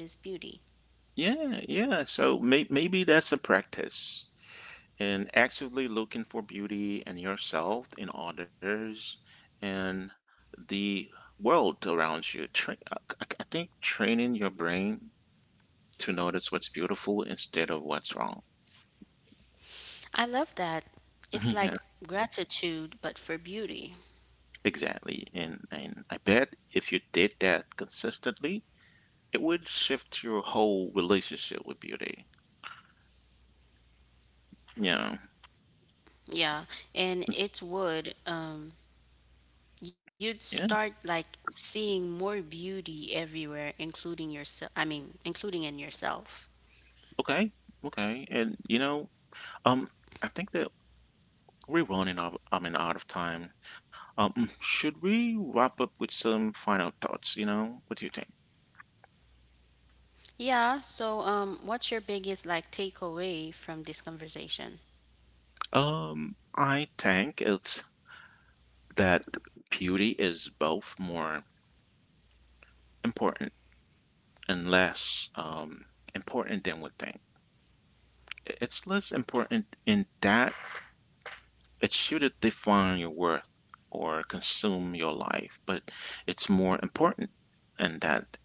S1: Yeah, yeah. So maybe that's a practice and actively looking for beauty in yourself, in others, and the world around you. I think training your brain to notice what's beautiful instead of what's wrong.
S2: I love that. It's
S1: [laughs]
S2: like
S1: Yeah,
S2: gratitude, but for beauty.
S1: exactly. And I bet if you did that consistently, it would shift your whole relationship with beauty. Yeah.
S2: Yeah, and it would. You'd
S1: Yeah.
S2: start like seeing more beauty everywhere, including in yourself.
S1: Okay. Okay. And you know, um, I think that we're running out. I mean, out of time. Should we wrap up with some final thoughts? You know, what do you think?
S2: Yeah. So, what's your biggest like takeaway from this conversation?
S1: I think it's that beauty is both more important and less important than we think. It's less important in that it shouldn't define your worth or consume your life, but it's more important in that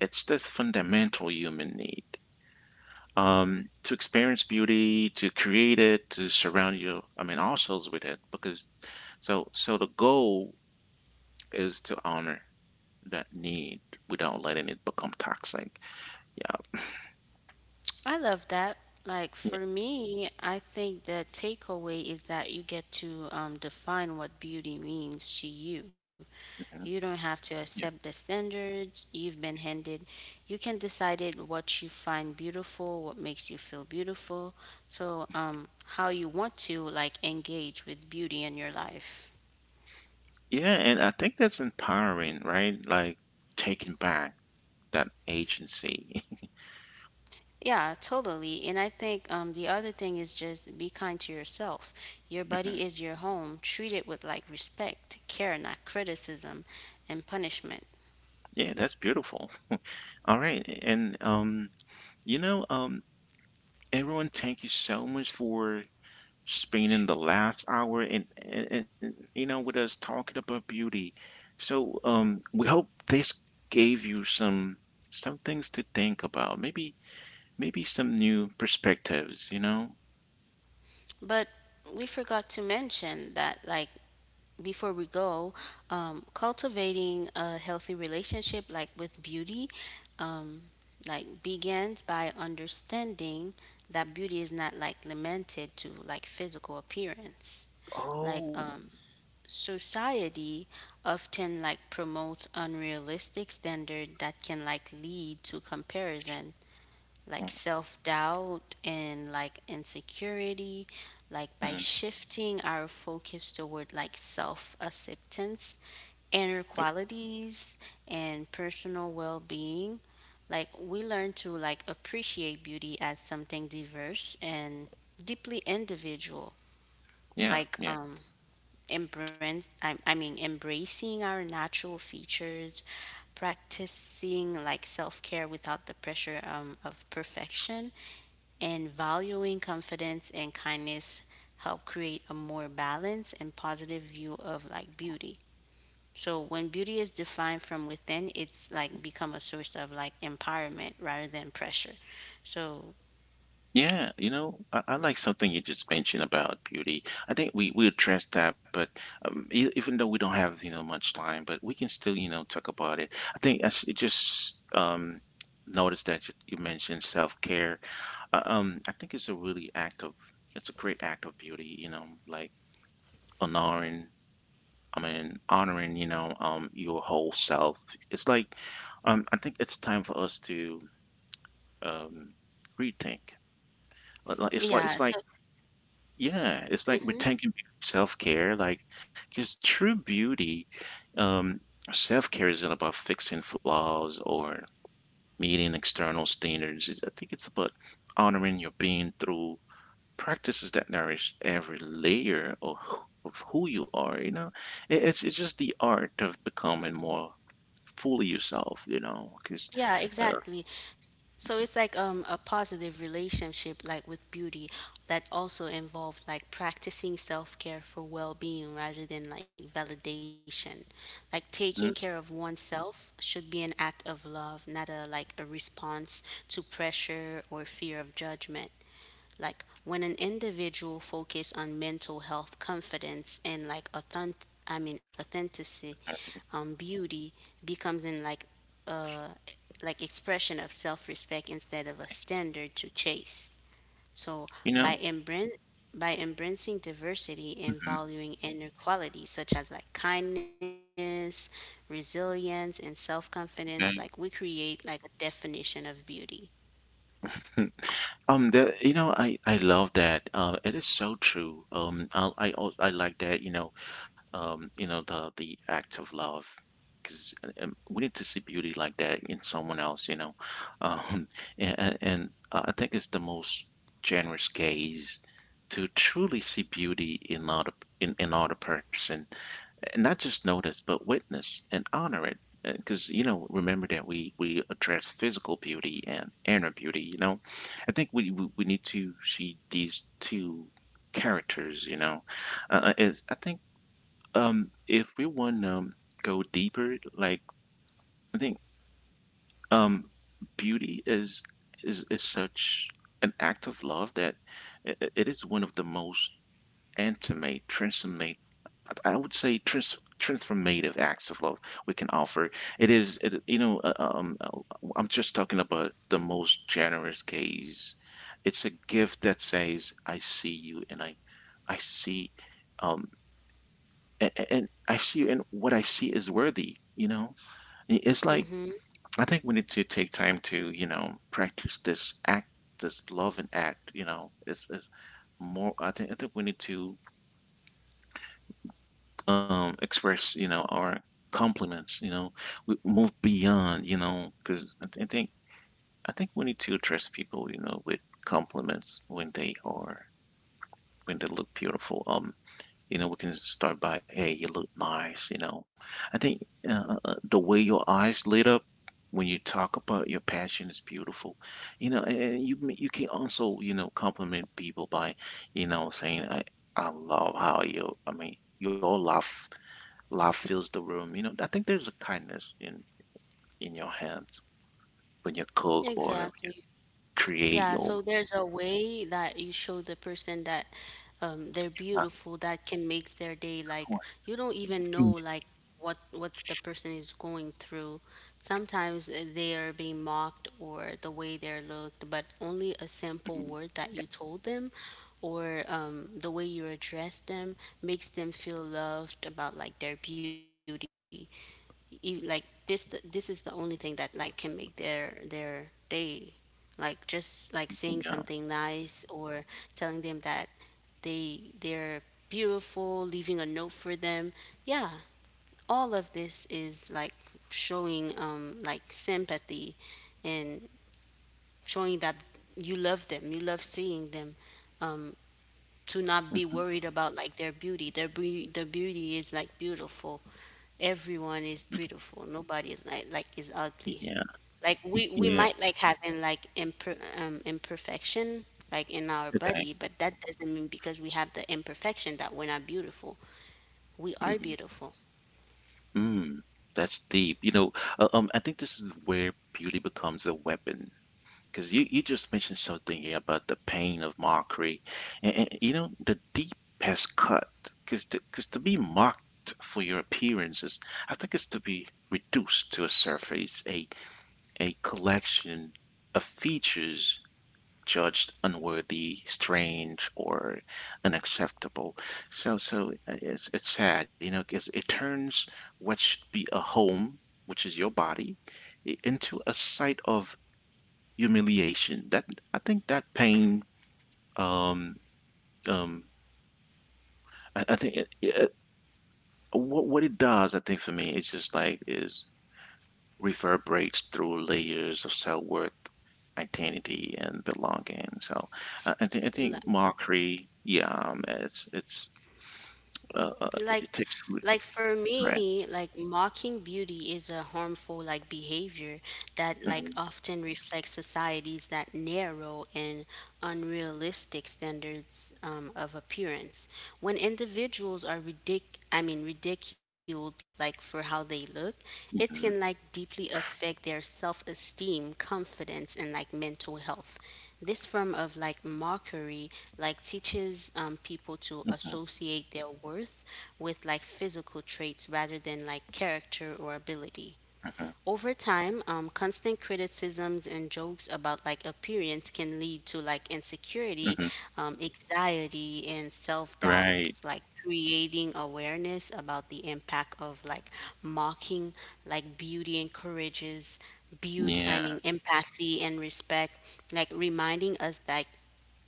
S1: it's this fundamental human need to experience beauty, to create it, to surround you, I mean, ourselves with it. Because so, so the goal is to honor that need without letting it become toxic. Yeah.
S2: I love that. Like
S1: Yeah.
S2: for me, I think the takeaway is that you get to define what beauty means to you. You don't
S1: Mhm.
S2: have to accept the standards you've been handed. You can decide it what you find beautiful, what makes you feel beautiful. So, how you want to like engage with beauty in your life.
S1: Yeah, and I think that's empowering, right? Like taking back that agency.
S2: Yeah, totally. And I think the other thing is just be kind to yourself. Your
S1: [laughs]
S2: body
S1: Mhm.
S2: is your home. Treat it with like respect, care, not criticism and punishment.
S1: Yeah, that's beautiful. All right, and you know, everyone, thank you so much for spending the last hour and you know with us talking about beauty. So we hope this gave you some things to think about. Maybe maybe some new perspectives. You know.
S2: But we forgot to mention that, like, before we go, cultivating a healthy relationship, like with beauty, um, like begins by understanding that beauty is not like limited to like physical appearance. Like,
S1: Oh.
S2: society often like promotes unrealistic standard that can like lead to comparison like
S1: Oh.
S2: self-doubt and like insecurity like by
S1: Mhm.
S2: shifting our focus toward like self-acceptance inner
S1: Okay.
S2: qualities and personal well-being like we learn to like appreciate beauty as something diverse and deeply individual
S1: Yeah.
S2: like
S1: Yeah.
S2: embrace, I mean, embracing our natural features, practicing like self care without the pressure of perfection, and valuing confidence and kindness help create a more balanced and positive view of like beauty. So when beauty is defined from within, it's like become a source of like empowerment rather than pressure. So
S1: Yeah, you know, I like something you just mentioned about beauty. I think we addressed that, but even though we don't have, you know, much time, but we can still, you know, talk about it. I think as it just noticed that you mentioned self-care. I think it's a really act of it's a great act of beauty, you know, like honoring, I mean, honoring, you know, your whole self. It's like I think it's time for us to um rethink. It's
S2: yeah,
S1: like
S2: so
S1: Yeah, it's like we're talking about self-care, like, because true beauty, um, self-care isn't about fixing flaws or meeting external standards. It's, I think it's about honoring your being through practices that nourish every layer of, of who you are, you know? It's just the art of becoming more fully yourself, you know? Because,
S2: yeah,
S1: uh,
S2: exactly. So it's like a positive relationship, like with beauty, that also involved like practicing self care for well being rather than like validation. Like taking care of
S1: mm,
S2: oneself should be an act of love, not a like a response to pressure or fear of judgment like when an individual focus on mental health confidence and like authenticity beauty becomes in uh like expression of self-respect instead of a standard to chase so
S1: you
S2: by
S1: know?
S2: embracing by embracing diversity and
S1: Mhm.
S2: valuing inner qualities such as like kindness, resilience, and self-confidence, like we create like a definition of beauty.
S1: [laughs] The, you know, I love that. It is so true. I like that. You know the act of love, because we need to see beauty like that in someone else. You know, um, [laughs] and I think it's the most generous gaze to truly see beauty in another person and not just notice, but witness and honor it. Because you know, remember that we address physical beauty and inner beauty. You know, I think we need to see these two characters. You know, is I think if we want to go deeper, like I think um beauty is is such an act of love that it is one of the most intimate, transformate. I would say transformative acts of love we can offer. It is, it, you know, I'm just talking about the most generous gaze. It's a gift that says, "I see you," and I see, um, and I see you, and what I see is worthy. You know, it's like
S2: Mm-hmm.
S1: I think we need to take time to, you know, practice this act, this love and act. You know, it's more. I think we need to express, you know, our compliments. You know, we move beyond, you know, because I think we need to address people, you know, with compliments when they are when they look beautiful. You know, we can start by, hey, you look nice. You know, I think the way your eyes lit up when you talk about your passion is beautiful. You know, and you you can also, you know, compliment people by, you know, saying, I love how you. I mean, your laugh Love fills the room. You know, I think there's a kindness in your hands when you cook or you
S2: Exactly. Yeah,
S1: create
S2: so
S1: your
S2: there's a way that you show the person that they're
S1: uh,
S2: beautiful that can make their day. Like
S1: or-
S2: you don't even know like what the person is going through. Sometimes they are being mocked or the way they're looked, but only a simple
S1: Mhm.
S2: word that you
S1: yeah,
S2: told them or the way you address them makes them feel loved about like their beauty like this is the only thing that like can make their day like just like saying something
S1: yeah,
S2: nice or telling them that they're beautiful leaving a note for them yeah all of this is like showing like sympathy and showing that you love them you love seeing them um to not be
S1: mhm,
S2: worried about like their beauty. The beauty is like beautiful. Everyone is beautiful. Nobody is like is ugly.
S1: yeah,
S2: Like we
S1: yeah.
S2: might like having like imperfection like in our body,
S1: Okay.
S2: but that doesn't mean because we have the imperfection that we're not beautiful. We are
S1: Mm,
S2: beautiful.
S1: mm, that's deep. You know, I think this is where beauty becomes a weapon because you just mentioned something yeah, about the pain of mockery and you know the deep has cut, because to be mocked for your appearances I think it's to be reduced to a surface a collection of features judged unworthy, strange or unacceptable. So so it's sad, you know, because it turns what should be a home, which is your body, into a site of humiliation. That I think that pain. Um, um, I think it, it, what it does, I think for me, it's just like is reverberates through layers of self worth, identity, and belonging. So, I think
S2: Like,
S1: mockery. Yeah, it's
S2: Like,
S1: it takes root.
S2: like for
S1: Right.
S2: me, like mocking beauty is a harmful like behavior that like
S1: Mm-hmm,
S2: often reflects societies that narrow and unrealistic standards of appearance. When individuals are ridiculed like for how they look, it
S1: mm-hmm,
S2: can like deeply affect their self-esteem, confidence, and like mental health. This form of like mockery like teaches people to
S1: mm-hmm,
S2: associate their worth with like physical traits rather than like character or ability.
S1: mm-hmm,
S2: Over time, constant criticisms and jokes about like appearance can lead to like insecurity,
S1: Mm-hmm.
S2: anxiety, and self
S1: Right.
S2: doubts, like creating awareness about the impact of like mocking, like beauty encourages
S1: Yeah.
S2: empathy and respect, like reminding us that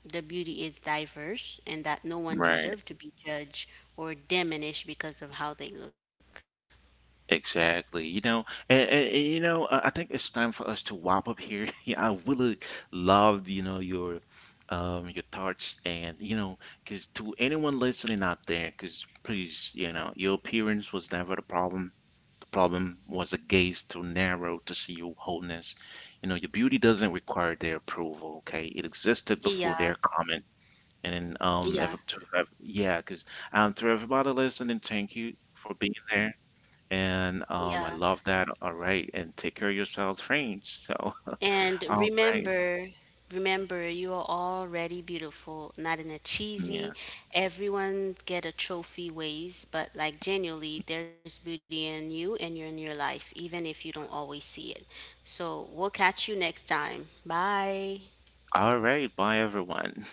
S2: the beauty is diverse and that no one
S1: Right.
S2: deserves to be judged or diminished because of how they look.
S1: Exactly. You know, you know, I think it's time for us to wrap up here. [laughs] Yeah, I really loved, you know, your thoughts and you know, because to anyone listening out there, because please, you know, your appearance was never the problem. The problem was a gaze too narrow to see your wholeness. You know, your beauty doesn't require their approval, okay? It existed before
S2: Yeah,
S1: their comment. And then,
S2: yeah,
S1: yeah, because to everybody listening, thank you for being there. And I
S2: yeah.
S1: love that. All right. And take care of yourselves, friends. So, [laughs]
S2: And
S1: all right.
S2: remember, remember, you are already beautiful, not in a cheesy,
S1: Yeah.
S2: everyone get a trophy ways, but like genuinely, there's beauty in you and you're in your life, even if you don't always see it. So we'll catch you next time. Bye.
S1: All right. Bye, everyone.